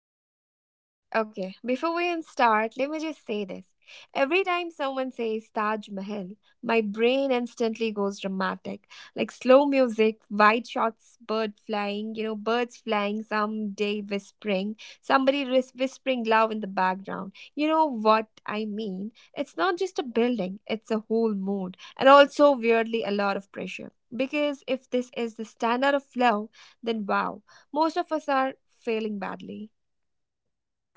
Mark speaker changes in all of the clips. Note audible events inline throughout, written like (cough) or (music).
Speaker 1: Reem. Okay, okay, before we even start, let me just say this. Every time someone says Taj Mahal, my brain instantly goes dramatic. Like slow music, white shots, bird flying, birds flying, someday whispering, whispering loud in the background. You know what I mean? It's not just a building, it's a whole mood. And also, weirdly, a lot of pressure. Because if this is the standard of flow, then wow, most of us are failing badly.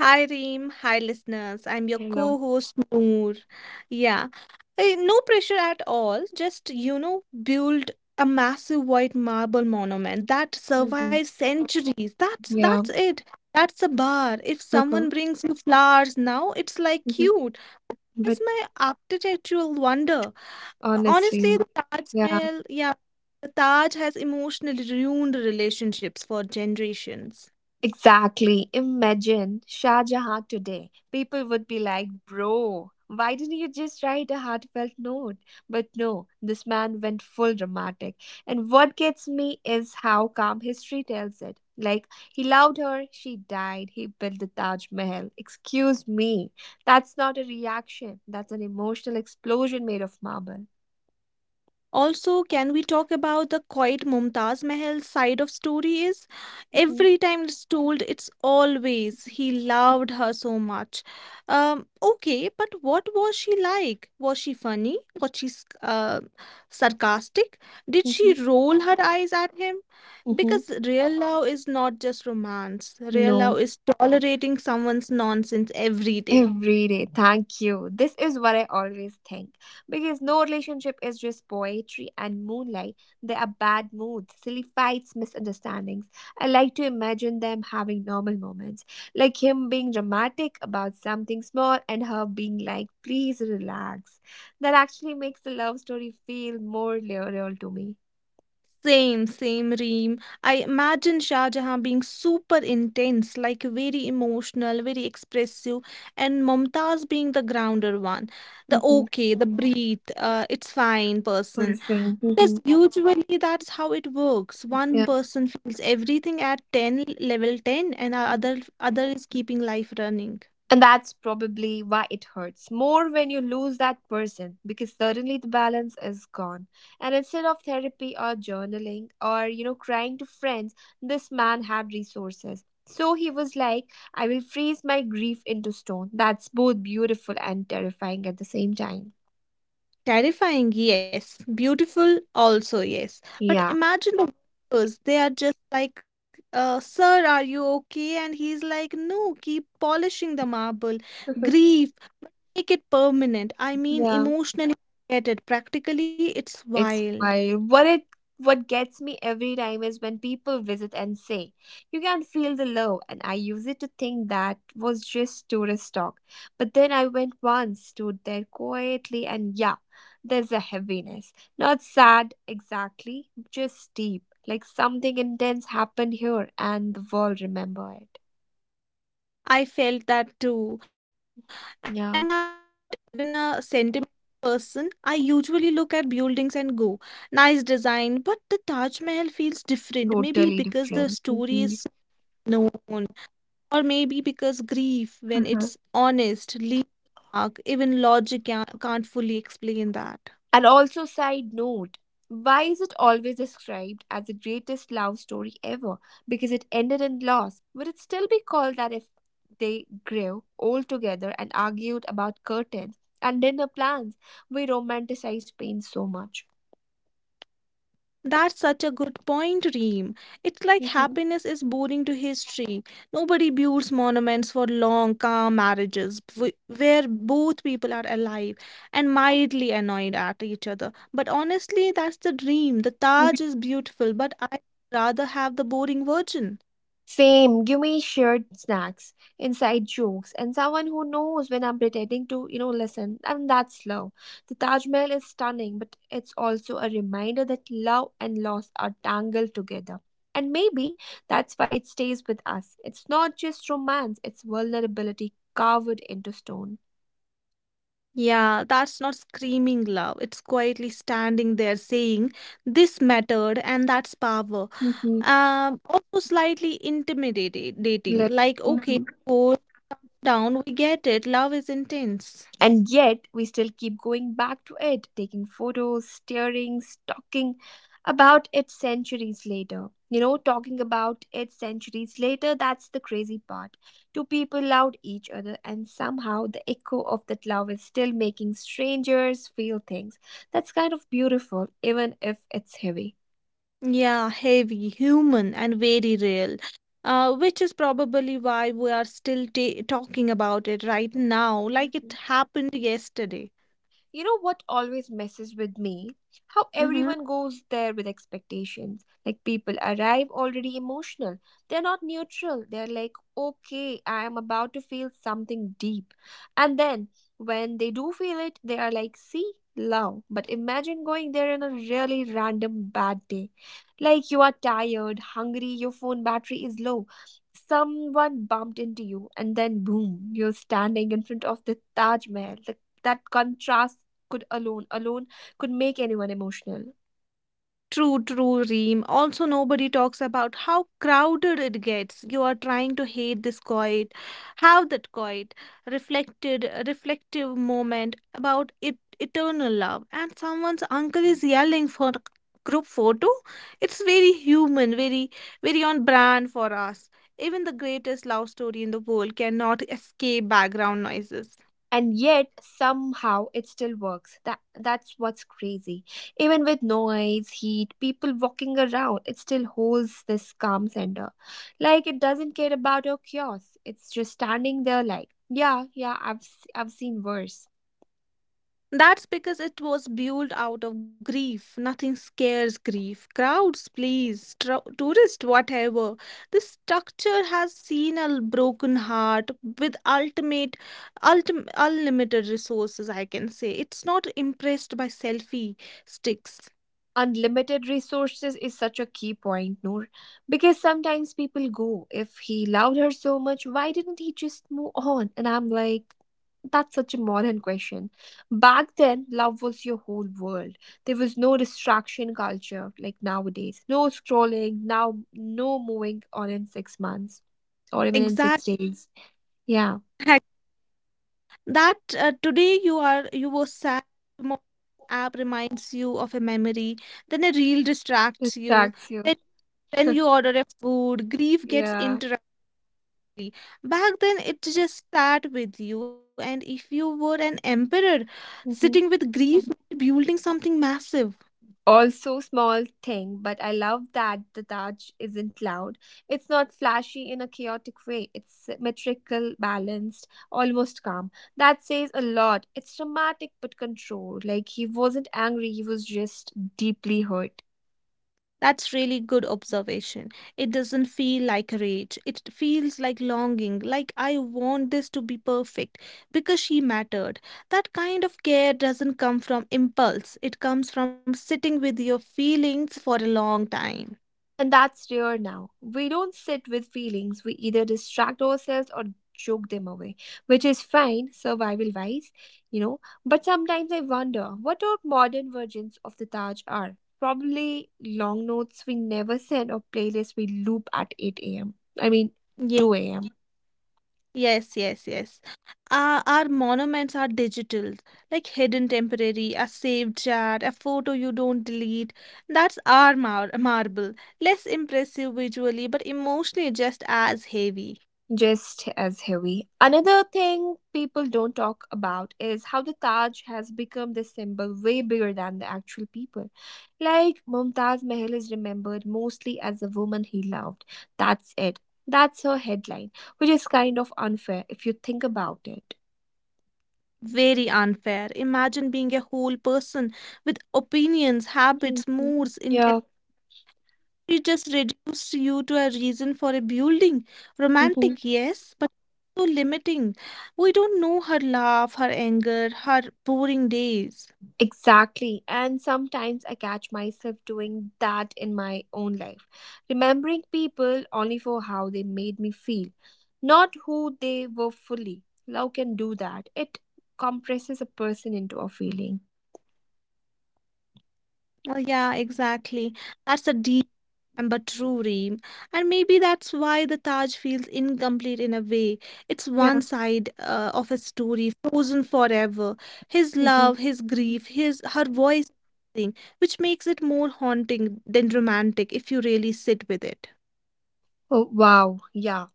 Speaker 2: Hi Reem, hi listeners. I'm your
Speaker 1: Hello.
Speaker 2: co-host Noor. Yeah. No pressure at all. Just, you know, build a massive white marble monument that
Speaker 1: hmm
Speaker 2: survives centuries. That's
Speaker 1: Yeah.
Speaker 2: it. That's a bar. If
Speaker 1: Uh-huh.
Speaker 2: someone brings you flowers now, it's like
Speaker 1: hmm
Speaker 2: cute. It's
Speaker 1: But
Speaker 2: my architectural wonder. Honestly,
Speaker 1: honestly,
Speaker 2: the Taj
Speaker 1: yeah.
Speaker 2: Mahal, yeah, the Taj has emotionally ruined relationships for generations.
Speaker 1: Exactly. Imagine Shah Jahan today. People would be like, bro, why didn't you just write a heartfelt note? But no, this man went full dramatic. And what gets me is how calm history tells it. Like, he loved her, she died, he built the Taj Mahal. Excuse me. That's not a reaction, that's an emotional explosion made of marble.
Speaker 2: Also, can we talk about the quiet Mumtaz Mahal side of story is
Speaker 1: hmm
Speaker 2: every time it's told, it's always he loved her so much. Okay, but what was she like? Was she funny? Was she sarcastic? Did she
Speaker 1: hmm
Speaker 2: roll her eyes at him?
Speaker 1: hmm
Speaker 2: Because real love is not just romance. Real
Speaker 1: No.
Speaker 2: love is tolerating someone's nonsense every day.
Speaker 1: Every day, thank you. This is what I always think. Because no relationship is just poetry and moonlight. There are bad moods, silly fights, misunderstandings. I like to imagine them having normal moments, like him being dramatic about something small and her being like, please relax. That actually makes the love story feel more real to me.
Speaker 2: Same reem. I imagine Shah Jahan being super intense, like very emotional, very expressive, and Mumtaz being the grounder one. The
Speaker 1: Mm-hmm.
Speaker 2: okay, the breathe, it's fine person.
Speaker 1: Person.
Speaker 2: Because
Speaker 1: Mm-hmm.
Speaker 2: usually that's how it works. One person feels everything at 10, level 10, and our other is keeping life running.
Speaker 1: And that's probably why it hurts more when you lose that person because suddenly the balance is gone. And instead of therapy or journaling or, you know, crying to friends, this man had resources. So he was like, I will freeze my grief into stone. That's both beautiful and terrifying at the same time.
Speaker 2: Terrifying, yes. Beautiful, also, yes. But
Speaker 1: Yeah.
Speaker 2: imagine the workers, they are just like, Sir, are you okay? And he's like, No, keep polishing the marble.
Speaker 1: (laughs)
Speaker 2: Grief, make it permanent. I mean,
Speaker 1: Yeah.
Speaker 2: emotionally, I get it. Practically, it's
Speaker 1: It's
Speaker 2: wild.
Speaker 1: fine. What gets me every time is when people visit and say, "You can feel the love," and I use it to think that was just tourist talk. But then I went once, stood there quietly, and yeah, there's a heaviness. Not sad exactly, just deep. Like something intense happened here, and the world remember it.
Speaker 2: I felt that too. And I'm not
Speaker 1: Yeah,
Speaker 2: even a sentiment person. I usually look at buildings and go, Nice design. But the Taj Mahal feels different. Maybe
Speaker 1: totally
Speaker 2: because the
Speaker 1: different.
Speaker 2: story is so known. Or maybe because grief, when it's honest, leaves a mark, even logic can't fully explain that.
Speaker 1: And also, side note, why is it always described as the greatest love story ever? Because it ended in loss. Would it still be called that if they grew old together and argued about curtains and dinner plans? We romanticize pain so much.
Speaker 2: That's such a good point, Reem. It's like
Speaker 1: Mhm.
Speaker 2: happiness is boring to history. Nobody builds monuments for long, calm marriages where both people are alive and mildly annoyed at each other. But honestly, that's the dream. The Taj is beautiful, but I would rather have the boring version.
Speaker 1: Same. Give me shared snacks, inside jokes, and someone who knows when I'm pretending to, listen. And that's love. The Taj Mahal is stunning, but it's also a reminder that love and loss are tangled together. And maybe that's why it stays with us. It's not just romance, it's vulnerability carved into stone.
Speaker 2: Yeah, that's not screaming love. It's quietly standing there saying, This mattered, and that's power.
Speaker 1: Mm-hmm.
Speaker 2: Also slightly intimidating, like, okay, cool down, we get it. Love is intense.
Speaker 1: And yet, we still keep going back to it, taking photos, staring, talking about it centuries later. That's the crazy part. Two people loved each other, and somehow the echo of that love is still making strangers feel things. That's kind of beautiful, even if it's heavy.
Speaker 2: Yeah, heavy, human, and very real. Which is probably why we are still ta talking about it right now, like it happened yesterday.
Speaker 1: You know what always messes with me? How
Speaker 2: Mm-hmm.
Speaker 1: everyone goes there with expectations. Like people arrive already emotional. They're not neutral. They're like, okay, I am about to feel something deep. And then when they do feel it, they are like, see, love. But imagine going there on a really random bad day. Like you are tired, hungry, your phone battery is low. Someone bumped into you, and then boom, you're standing in front of the Taj Mahal. The That contrast could alone alone could make anyone emotional.
Speaker 2: True, Reem. Also, nobody talks about how crowded it gets. You are trying to have that quiet, reflective moment about it, eternal love, and someone's uncle is yelling for group photo. It's very human, very on brand for us. Even the greatest love story in the world cannot escape background noises.
Speaker 1: And yet somehow it still works. That's what's crazy. Even with noise, heat, people walking around, it still holds this calm center. Like it doesn't care about your chaos, it's just standing there like, yeah, yeah, I've seen worse.
Speaker 2: That's because it was built out of grief. Nothing scares grief. Crowds, please, tourists, whatever. This structure has seen a broken heart with unlimited resources. I can say it's not impressed by selfie sticks.
Speaker 1: Unlimited resources is such a key point, Noor, because sometimes people go, if he loved her so much, why didn't he just move on? And I'm like, that's such a modern question. Back then, love was your whole world. There was no distraction culture like nowadays. No scrolling, now no moving on in six months or even in
Speaker 2: Exact
Speaker 1: six days. Yeah,
Speaker 2: That today you were sad. Tomorrow, app reminds you of a memory. Then a reel distracts you.
Speaker 1: distracts you.
Speaker 2: Then when you order a food, grief gets
Speaker 1: Yeah.
Speaker 2: interrupted exactly. Back then, it just sat with you, and if you were an emperor sitting
Speaker 1: Mm-hmm.
Speaker 2: with grief, building something massive.
Speaker 1: Also, small thing, but I love that the Taj isn't loud. It's not flashy in a chaotic way, it's symmetrical, balanced, almost calm. That says a lot. It's dramatic but controlled, like he wasn't angry, he was just deeply hurt.
Speaker 2: That's really good observation. It doesn't feel like rage. It feels like longing, like I want this to be perfect because she mattered. That kind of care doesn't come from impulse, it comes from sitting with your feelings for a long time.
Speaker 1: And that's rare now. We don't sit with feelings, we either distract ourselves or joke them away, which is fine, survival wise, you know. But sometimes I wonder what our modern versions of the Taj are. Probably long notes we never send or playlists we loop at 8 a.m. I mean,
Speaker 2: Yeah.
Speaker 1: 2 a.m.
Speaker 2: Yes, yes, yes. Our monuments are digital, like hidden temporary, a saved chat, a photo you don't delete. That's our marble. Less impressive visually, but emotionally just as heavy.
Speaker 1: Just as heavy. Another thing people don't talk about is how the Taj has become this symbol way bigger than the actual people. Like Mumtaz Mahal is remembered mostly as the woman he loved. That's it. That's her headline, which is kind of unfair if you think about it.
Speaker 2: Very unfair. Imagine being a whole person with opinions, habits,
Speaker 1: Mhm.
Speaker 2: moods,
Speaker 1: Yeah.
Speaker 2: she just reduced you to a reason for a building.
Speaker 1: Mhm.
Speaker 2: Romantic, yes, but so limiting. We don't know her laugh, her anger, her boring days.
Speaker 1: Exactly. And sometimes I catch myself doing that in my own life, remembering people only for how they made me feel, not who they were fully. Love can do that. It compresses a person into a feeling.
Speaker 2: Well, yeah, exactly. That's a deep and but true ream. And maybe that's why the Taj feels incomplete in a way. It's
Speaker 1: Yeah.
Speaker 2: one side of a story, frozen forever. His
Speaker 1: hmm
Speaker 2: love, his grief, his her voice, thing, which makes it more haunting than romantic if you really sit with it.
Speaker 1: Oh, wow. Yeah.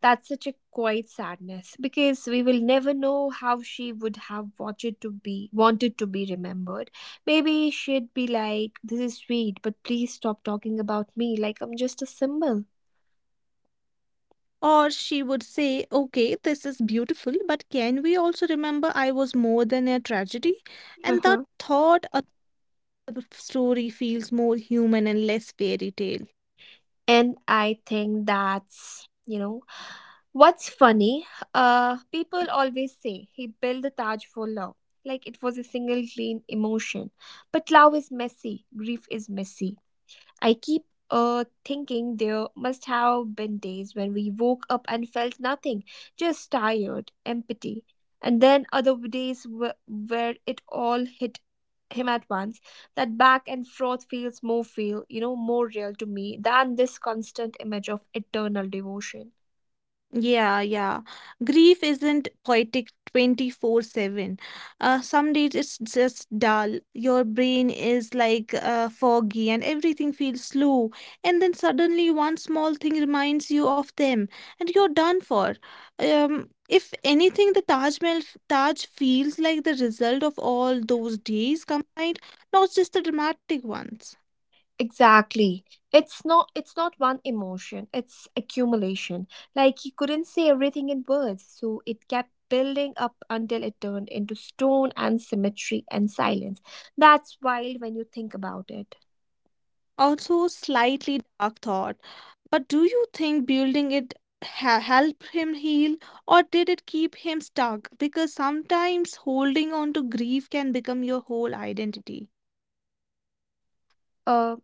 Speaker 1: That's such a quiet sadness because we will never know how she would have wanted to be remembered. Maybe she'd be like, "This is sweet, but please stop talking about me like I'm just a symbol."
Speaker 2: Or she would say, Okay, this is beautiful, but can we also remember I was more than a tragedy? And that
Speaker 1: Uh-huh.
Speaker 2: thought a story feels more human and less fairy tale.
Speaker 1: And I think that's what's funny. People always say he built the Taj for love, like it was a single clean emotion, but love is messy. Grief is messy. I keep thinking there must have been days when we woke up and felt nothing, just tired, empty. And then other days where it all hit him at once. That back and forth feels more feel, you know, more real to me than this constant image of eternal devotion.
Speaker 2: Yeah. Grief isn't poetic 24/7. Some days it's just dull. Your brain is like foggy and everything feels slow. And then suddenly one small thing reminds you of them and you're done for. If anything, the Taj feels like the result of all those days combined, not just the dramatic ones.
Speaker 1: Exactly. It's not one emotion, it's accumulation. Like he couldn't say everything in words, so it kept building up until it turned into stone and symmetry and silence. That's wild when you think about it.
Speaker 2: Also, slightly dark thought. But do you think building it helped him heal or did it keep him stuck? Because sometimes holding on to grief can become your whole identity,
Speaker 1: Uh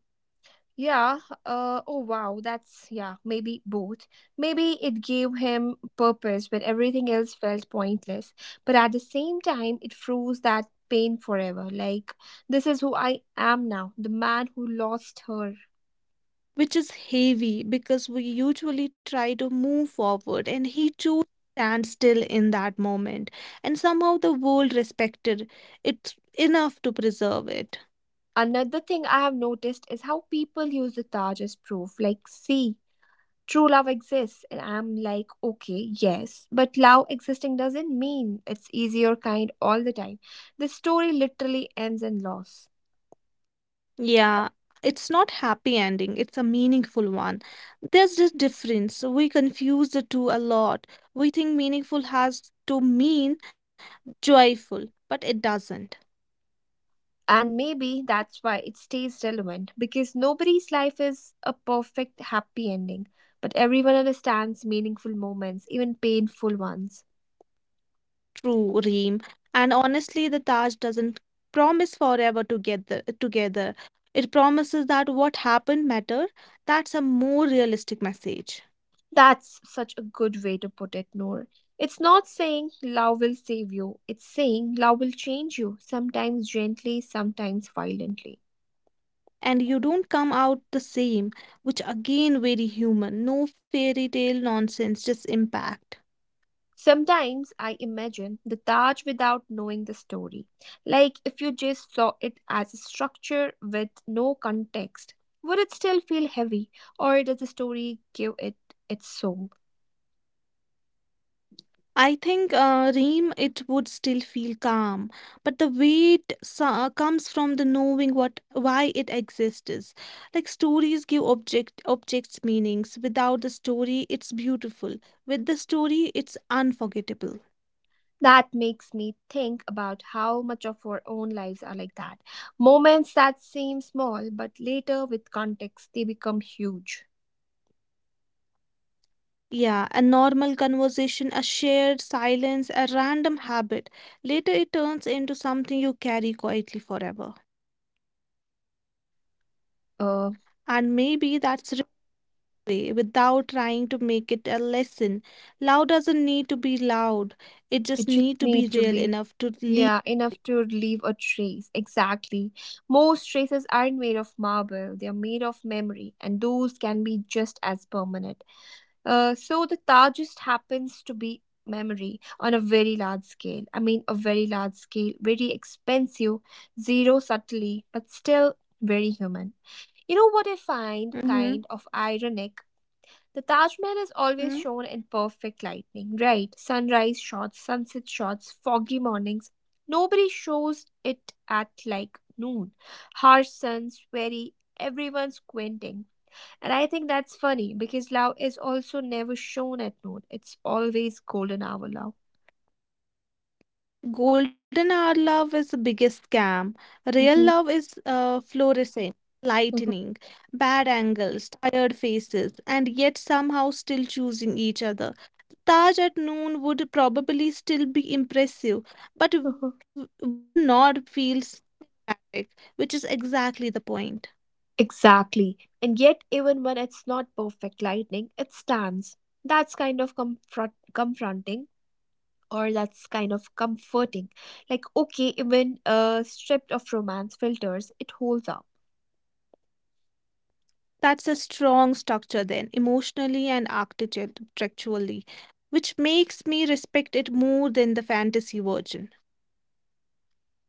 Speaker 1: yeah, oh wow, that's yeah, maybe both. Maybe it gave him purpose when everything else felt pointless, but at the same time it froze that pain forever. Like, this is who I am now, the man who lost her.
Speaker 2: which is heavy because we usually try to move forward and he chose to stand still in that moment and somehow the world respected it enough to preserve it.
Speaker 1: Another thing I have noticed is how people use the Taj as proof, like, see, true love exists. And I'm like, okay, yes, but love existing doesn't mean it's easy or kind all the time. The story literally ends in loss.
Speaker 2: Yeah, it's not happy ending, it's a meaningful one. There's this difference. We confuse the two a lot. We think meaningful has to mean joyful, but it doesn't.
Speaker 1: And maybe that's why it stays relevant, because nobody's life is a perfect happy ending, but everyone understands meaningful moments, even painful ones.
Speaker 2: True, Reem. And honestly, the Taj doesn't promise forever together together. It promises that what happened matter. That's a more realistic message.
Speaker 1: That's such a good way to put it, Noor. It's not saying love will save you, it's saying love will change you, sometimes gently, sometimes violently.
Speaker 2: And you don't come out the same, which again very human. No fairy tale nonsense, just impact.
Speaker 1: Sometimes I imagine the Taj without knowing the story. Like if you just saw it as a structure with no context, would it still feel heavy, or does the story give it its soul?
Speaker 2: I think Reem, it would still feel calm, but the weight comes from the knowing what why it exists. Like stories give objects meanings. Without the story, it's beautiful. With the story, it's unforgettable.
Speaker 1: That makes me think about how much of our own lives are like that. Moments that seem small, but later with context, they become huge.
Speaker 2: Yeah, a normal conversation, a shared silence, a random habit. Later, it turns into something you carry quietly forever.
Speaker 1: Uh,
Speaker 2: And maybe that's way without trying to make it a lesson. Love doesn't need to be loud. It
Speaker 1: it
Speaker 2: just
Speaker 1: just
Speaker 2: need to be
Speaker 1: need to
Speaker 2: real
Speaker 1: be,
Speaker 2: enough to leave.
Speaker 1: yeah, enough to leave a trace. Exactly. Most traces aren't made of marble; they are made of memory, and those can be just as permanent. So the Taj just happens to be memory on a very large scale. I mean, a very large scale, very expensive, zero subtlety, but still very human. You know what I find kind of
Speaker 2: Mhm.
Speaker 1: ironic? The Taj Mahal is always shown
Speaker 2: Mm.
Speaker 1: in perfect lighting, right? Sunrise shots, sunset shots, foggy mornings. Nobody shows it at like noon. Harsh suns, very everyone's squinting. And I think that's funny because love is also never shown at noon. It's always golden hour love.
Speaker 2: Golden hour love is the biggest scam. Real
Speaker 1: hmm
Speaker 2: love is fluorescent,
Speaker 1: hmm
Speaker 2: lightning, bad angles, tired faces, and yet somehow still choosing each other. Taj at noon would probably still be impressive, but
Speaker 1: hmm
Speaker 2: would not feel cinematic. Which is exactly the point.
Speaker 1: Exactly. And yet, even when it's not perfect lightning, it stands. That's kind of confronting, or that's kind of comforting. Like, okay, even stripped of romance filters, it holds up.
Speaker 2: That's a strong structure, then, emotionally and architecturally, which makes me respect it more than the fantasy version.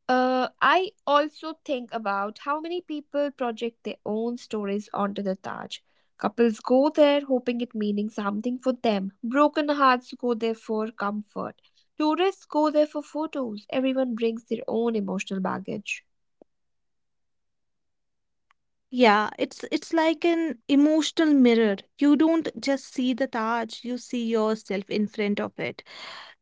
Speaker 1: I also think about how many people project their own stories onto the Taj. Couples go there hoping it meaning something for them. Broken hearts go there for comfort. Tourists go there for photos. Everyone brings their own emotional baggage.
Speaker 2: Yeah, it's like an emotional mirror. You don't just see the Taj, you see yourself in front of it.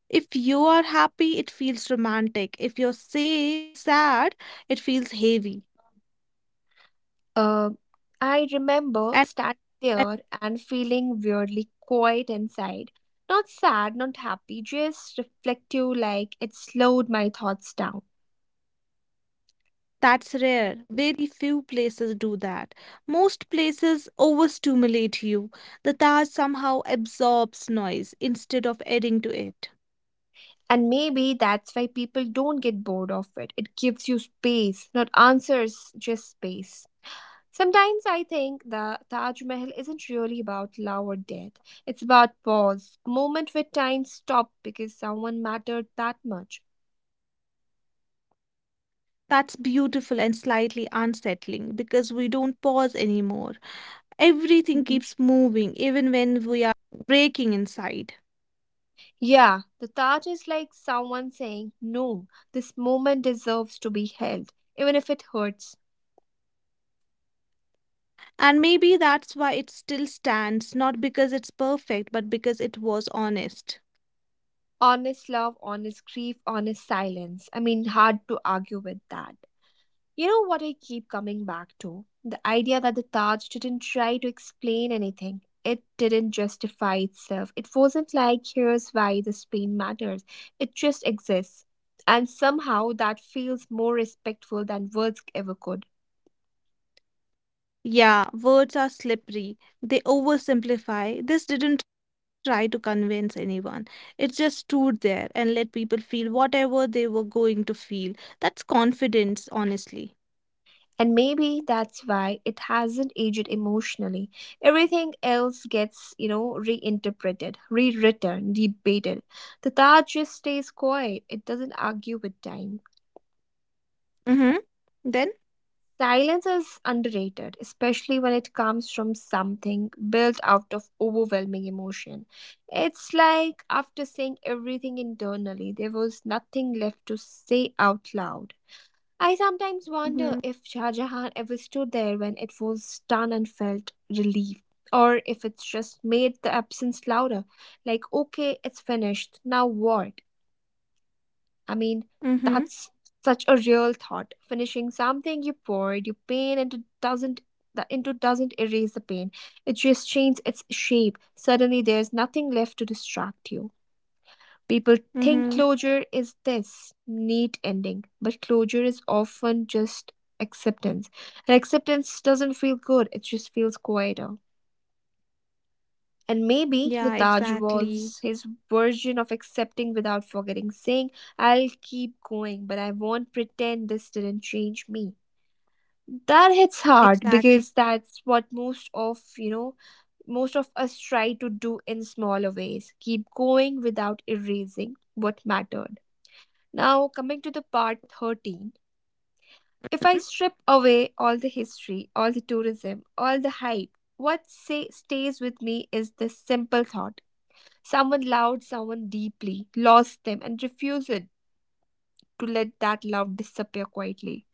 Speaker 2: If you are happy, it feels romantic. If you're say sad, it feels heavy.
Speaker 1: Uh, I remember
Speaker 2: And
Speaker 1: standing there and feeling weirdly quiet inside. Not sad, not happy, just reflective, like it slowed my thoughts down.
Speaker 2: That's rare. Very few places do that. Most places overstimulate you. The Taj somehow absorbs noise instead of adding to it.
Speaker 1: And maybe that's why people don't get bored of it. It gives you space, not answers, just space. Sometimes I think the Taj Mahal isn't really about love or death. It's about pause, a moment where time stopped because someone mattered that much.
Speaker 2: That's beautiful and slightly unsettling because we don't pause anymore. Everything keeps
Speaker 1: Mhm.
Speaker 2: moving even when we are breaking inside
Speaker 1: Yeah, the Taj is like someone saying, no, this moment deserves to be held, even if it hurts.
Speaker 2: and maybe that's why it still stands not because it's perfect but because it was honest.
Speaker 1: Honest love, honest grief, honest silence. Hard to argue with that. You know what I keep coming back to? The idea that the Taj didn't try to explain anything. It didn't justify itself. It wasn't like, here's why this pain matters. It just exists. And somehow that feels more respectful than words ever could.
Speaker 2: Yeah, words are slippery, they oversimplify. This didn't try to convince anyone, it just stood there and let people feel whatever they were going to feel. That's confidence honestly.
Speaker 1: And maybe that's why it hasn't aged emotionally. Everything else gets, reinterpreted, rewritten, debated. The Taj just stays quiet. It doesn't argue with time.
Speaker 2: Mhm. Then?
Speaker 1: Silence is underrated, especially when it comes from something built out of overwhelming emotion. It's like after saying everything internally, there was nothing left to say out loud. I sometimes wonder if
Speaker 2: Mhm.
Speaker 1: Shah Jahan ever stood there when it was done and felt relief, or if it's just made the absence louder. Like, okay, it's finished, now what? I mean,
Speaker 2: Mhm.
Speaker 1: that's such a real thought. Finishing something you poured, your pain into doesn't erase the pain. It just changes its shape. Suddenly there's nothing left to distract you. People think
Speaker 2: Mhm.
Speaker 1: closure is this neat ending, but closure is often just acceptance. And acceptance doesn't feel good, it just feels quieter. And
Speaker 2: Yeah,
Speaker 1: maybe the Taj
Speaker 2: exactly.
Speaker 1: was his version of accepting without forgetting, saying, I'll keep going, but I won't pretend this didn't change me. That hits hard
Speaker 2: Exactly.
Speaker 1: because that's what most of, most of us try to do in smaller ways. Keep going without erasing what mattered. Now, coming to the part 13. If I strip away all the history, all the tourism, all the hype, what say, stays with me is this simple thought. Someone loved someone deeply, lost them, and refused it to let that love disappear quietly.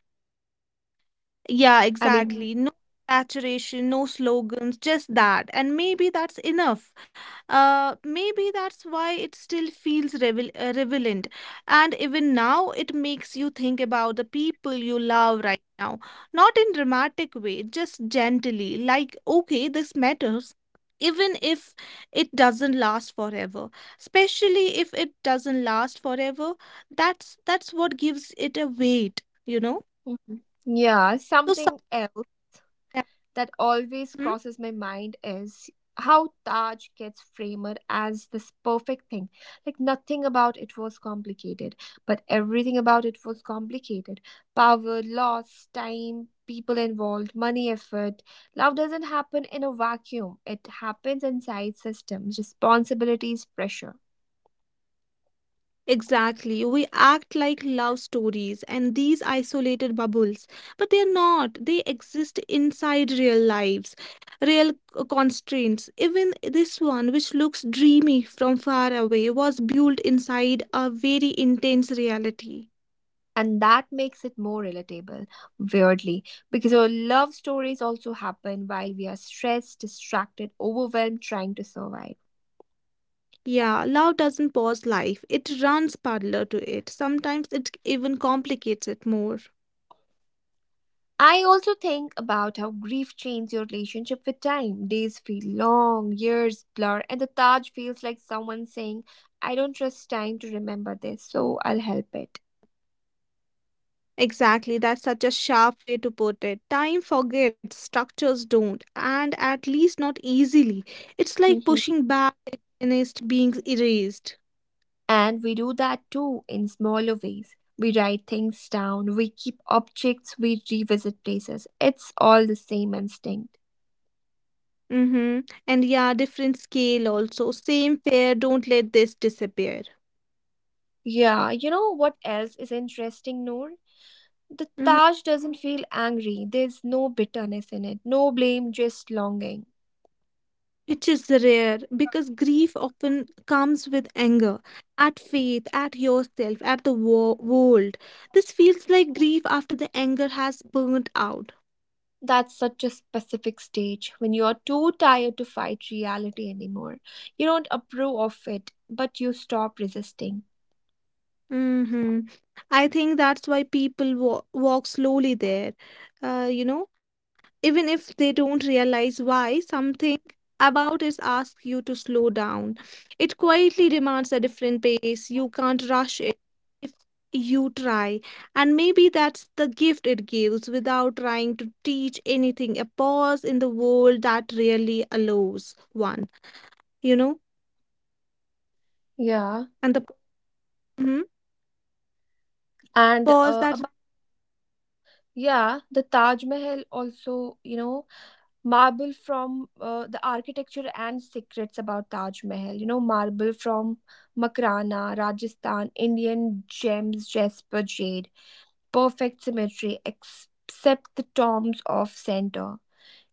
Speaker 2: Yeah,
Speaker 1: I mean,
Speaker 2: exactly. No saturation, no slogans, just that. And maybe that's enough. Maybe that's why it still feels revel relevant. And even now, it makes you think about the people you love right now. Not in dramatic way, just gently. Like, okay, this matters. Even if it doesn't last forever, especially if it doesn't last forever, that's what gives it a weight, you know?
Speaker 1: Mhm. Yeah,
Speaker 2: So
Speaker 1: something else
Speaker 2: sometimes.
Speaker 1: that always crosses my mind is how Taj gets framed as this perfect thing. Like, nothing about it was complicated, but everything about it was complicated: power, loss, time, people involved, money, effort. Love doesn't happen in a vacuum, it happens inside systems, responsibilities, pressure.
Speaker 2: Exactly. We act like love stories and these isolated bubbles, but they are not. They exist inside real lives, real constraints. Even this one, which looks dreamy from far away, was built inside a very intense reality.
Speaker 1: And that makes it more relatable, weirdly, because our love stories also happen while we are stressed, distracted, overwhelmed, trying to survive.
Speaker 2: Yeah, love doesn't pause life, it runs parallel to it. Sometimes it even complicates it more.
Speaker 1: I also think about how grief changes your relationship with time. Days feel long, years blur, and the Taj feels like someone saying, I don't trust time to remember this, so I'll help it.
Speaker 2: Exactly, that's such a sharp way to put it. Time forgets, structures don't, and at least not easily. It's like
Speaker 1: (laughs)
Speaker 2: pushing back against being erased.
Speaker 1: And we do that too in smaller ways. We write things down, we keep objects, we revisit places. It's all the same instinct.
Speaker 2: Mm-hmm. And yeah, different scale also. Same fear, don't let this disappear.
Speaker 1: Yeah, you know what else is interesting, Noor? The
Speaker 2: Hmm.
Speaker 1: Taj doesn't feel angry. There's no bitterness in it, no blame, just longing.
Speaker 2: Which is rare because grief often comes with anger at faith, at yourself, at the world. This feels like grief after the anger has burned out.
Speaker 1: That's such a specific stage when you are too tired to fight reality anymore. You don't approve of it, but you stop resisting.
Speaker 2: Hmm. I think that's why people wa walk slowly there. You know, even if they don't realize why, something about it asks you to slow down. It quietly demands a different pace. You can't rush it if you try. And maybe that's the gift it gives without trying to teach anything. A pause in the world that really allows one, you know,
Speaker 1: Yeah,
Speaker 2: and the Mhm.
Speaker 1: and
Speaker 2: pause that.
Speaker 1: about Yeah, the Taj Mahal also, you know, marble from the architecture and secrets about Taj Mahal. You know, marble from Makrana, Rajasthan, Indian gems, jasper, jade, perfect symmetry, except the tombs of center.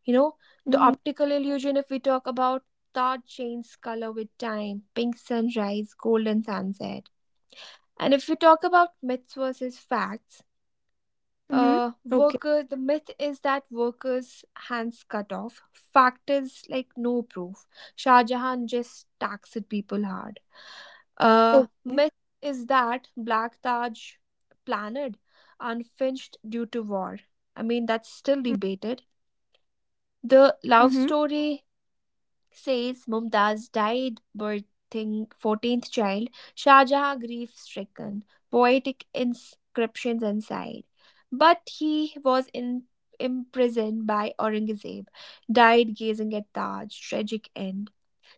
Speaker 1: You know, the
Speaker 2: Hmm.
Speaker 1: optical illusion, if we talk about Taj changes color with time, pink sunrise, golden sunset. And if we talk about myths versus facts,
Speaker 2: Hmm. Okay.
Speaker 1: workers. The myth is that workers hands cut off, fact is like no proof, Shah Jahan just taxed people hard.
Speaker 2: Okay.
Speaker 1: Myth is that black Taj planned, unfinished due to war. That's still
Speaker 2: Mm,
Speaker 1: debated. The love
Speaker 2: mhm,
Speaker 1: story says Mumtaz died birthing 14th child, Shah Jahan grief-stricken, poetic inscriptions inside. But he was imprisoned by Aurangzeb, died gazing at Taj, tragic end.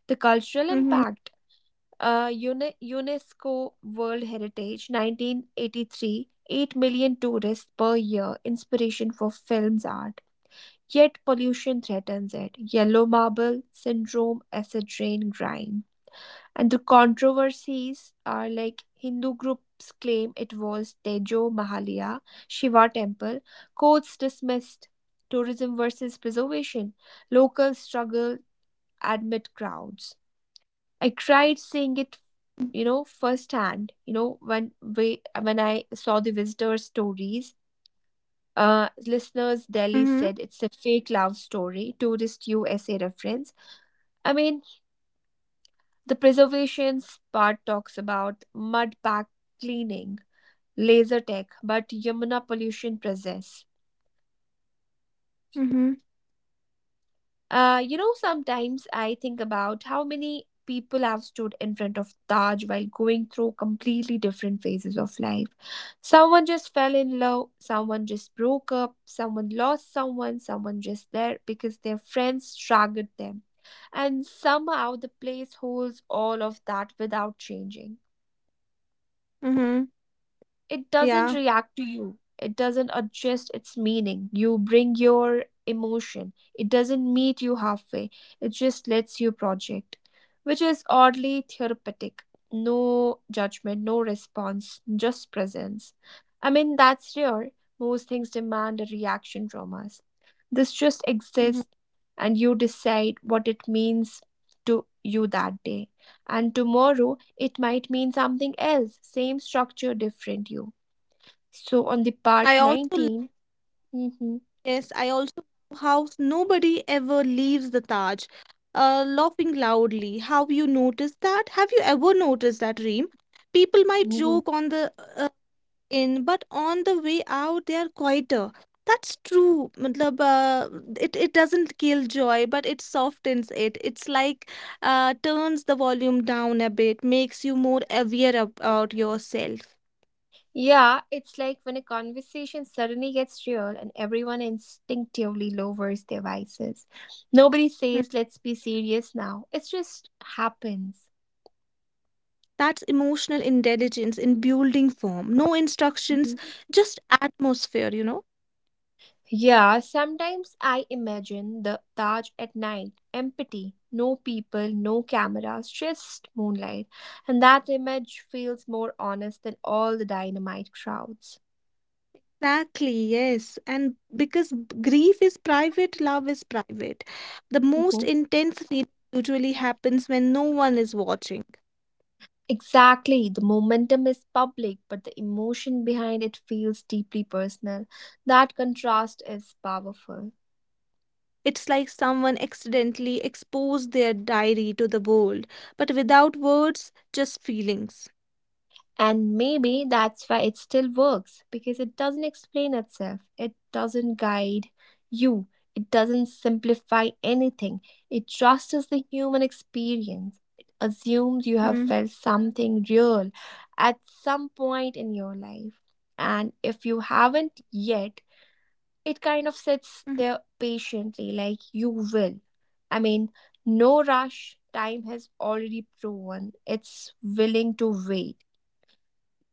Speaker 1: The cultural
Speaker 2: mhm,
Speaker 1: impact, UNESCO World Heritage 1983, 8 million tourists per year, inspiration for films art. Yet pollution threatens it. Yellow marble syndrome, acid rain, grime. And the controversies are like Hindu groups claim it was Tejo Mahalia Shiva temple. Courts dismissed. Tourism versus preservation. Locals struggle, admit crowds. I cried seeing it, you know, firsthand, you know, when we when I saw the visitor stories.
Speaker 2: mhm,
Speaker 1: Listeners, Delhi said it's a fake love story, tourist USA reference. I mean, the preservations part talks about mud pack cleaning, laser tech, but Yamuna pollution persists.
Speaker 2: mhm,
Speaker 1: You know, sometimes I think about how many people have stood in front of Taj while going through completely different phases of life. Someone just fell in love, someone just broke up, someone lost someone, someone just there because their friends dragged them. And somehow the place holds all of that without changing.
Speaker 2: mhm.
Speaker 1: It doesn't
Speaker 2: Yeah.
Speaker 1: react to you, it doesn't adjust its meaning. You bring your emotion, it doesn't meet you halfway, it just lets you project, which is oddly therapeutic. No judgment, no response, just presence. I mean, that's rare. Most things demand a reaction from us. This just exists,
Speaker 2: Mhm.
Speaker 1: and you decide what it means to you that day, and tomorrow it might mean something else, same structure, different you. So on the part
Speaker 2: I also love,
Speaker 1: 19, mhm,
Speaker 2: yes, I also love how nobody ever leaves the Taj, laughing loudly. How you notice that? Have you ever noticed that, Reem? People might
Speaker 1: mhm.
Speaker 2: joke on the in but on the way out they are quieter. That's true matlab, it doesn't kill joy but it softens it. It's like turns the volume down a bit, makes you more aware about yourself.
Speaker 1: yeah, it's like when a conversation suddenly gets real and everyone instinctively lowers their voices. Nobody
Speaker 2: Mm.
Speaker 1: says, let's be serious now. It just happens.
Speaker 2: That's emotional intelligence in building form, no instructions,
Speaker 1: Mhm.
Speaker 2: just atmosphere, you know.
Speaker 1: Yeah, sometimes I imagine the Taj at night, empty, no people, no cameras, just moonlight. And that image feels more honest than all the dynamite crowds.
Speaker 2: Exactly, yes, and because grief is private, love is private, the most
Speaker 1: Mhm.
Speaker 2: intense feeling usually happens when no one is watching.
Speaker 1: Exactly. The momentum is public, but the emotion behind it feels deeply personal. That contrast is powerful.
Speaker 2: It's like someone accidentally exposed their diary to the world, but without words, just feelings.
Speaker 1: And maybe that's why it still works, because it doesn't explain itself, it doesn't guide you, it doesn't simplify anything. It trusts the human experience. It assumes you have
Speaker 2: Mm,
Speaker 1: felt something real at some point in your life. And if you haven't yet, it kind of sits
Speaker 2: mhm.
Speaker 1: there patiently, like you will. I mean, no rush. Time has already proven it's willing to wait.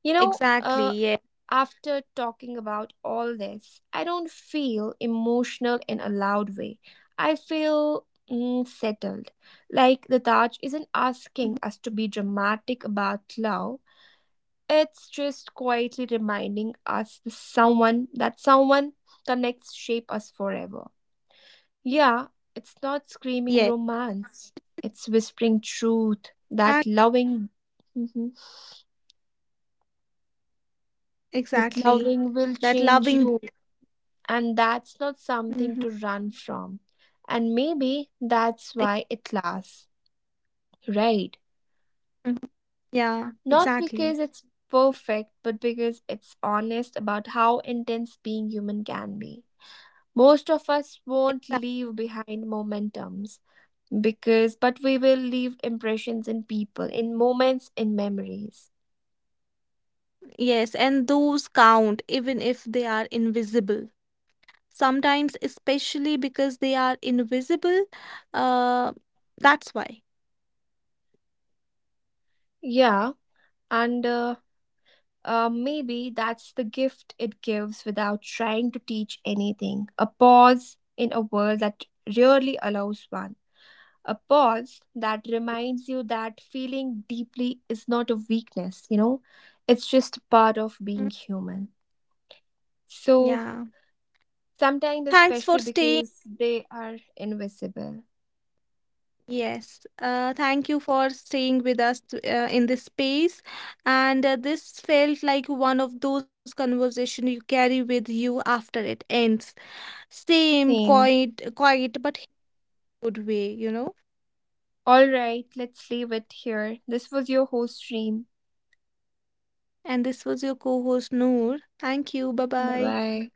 Speaker 1: You know, uh,
Speaker 2: Exactly, yeah.
Speaker 1: After talking about all this, I don't feel emotional in a loud way. I feel, mm, settled. Like the Taj isn't
Speaker 2: Mhm.
Speaker 1: asking us to be dramatic about love. It's just quietly reminding us the someone that someone connects shape us forever. Yeah, it's
Speaker 2: Yeah,
Speaker 1: not screaming romance. It's whispering truth
Speaker 2: that,
Speaker 1: that loving, Mhm. that
Speaker 2: exactly.
Speaker 1: loving will
Speaker 2: That
Speaker 1: change
Speaker 2: loving.
Speaker 1: you, and that's not something to
Speaker 2: Mhm.
Speaker 1: run from. And maybe that's
Speaker 2: I-
Speaker 1: why it lasts, right?
Speaker 2: mhm. Yeah,
Speaker 1: Not because
Speaker 2: exactly.
Speaker 1: it's perfect, but because it's honest about how intense being human can be. Most of us won't
Speaker 2: Exact-
Speaker 1: leave behind momentums because, but we will leave impressions in people, in moments, in memories.
Speaker 2: Yes, and those count even if they are invisible. Sometimes, especially because they are invisible, uh, that's why.
Speaker 1: Yeah, and maybe that's the gift it gives without trying to teach anything. A pause in a world that rarely allows one. A pause that reminds you that feeling deeply is not a weakness, you know, it's just part of being
Speaker 2: Mm,
Speaker 1: human. So,
Speaker 2: yeah.
Speaker 1: sometimes,
Speaker 2: Thanks for
Speaker 1: especially
Speaker 2: staying.
Speaker 1: because they are invisible.
Speaker 2: Yes, thank you for staying with us in this space. And this felt like one of those conversations you carry with you after it ends. Same,
Speaker 1: Same.
Speaker 2: quiet, but good way, you know.
Speaker 1: All right, let's leave it here. This was your host, Stream.
Speaker 2: And this was your co-host Noor. Thank you. Bye
Speaker 1: Bye
Speaker 2: bye.
Speaker 1: bye.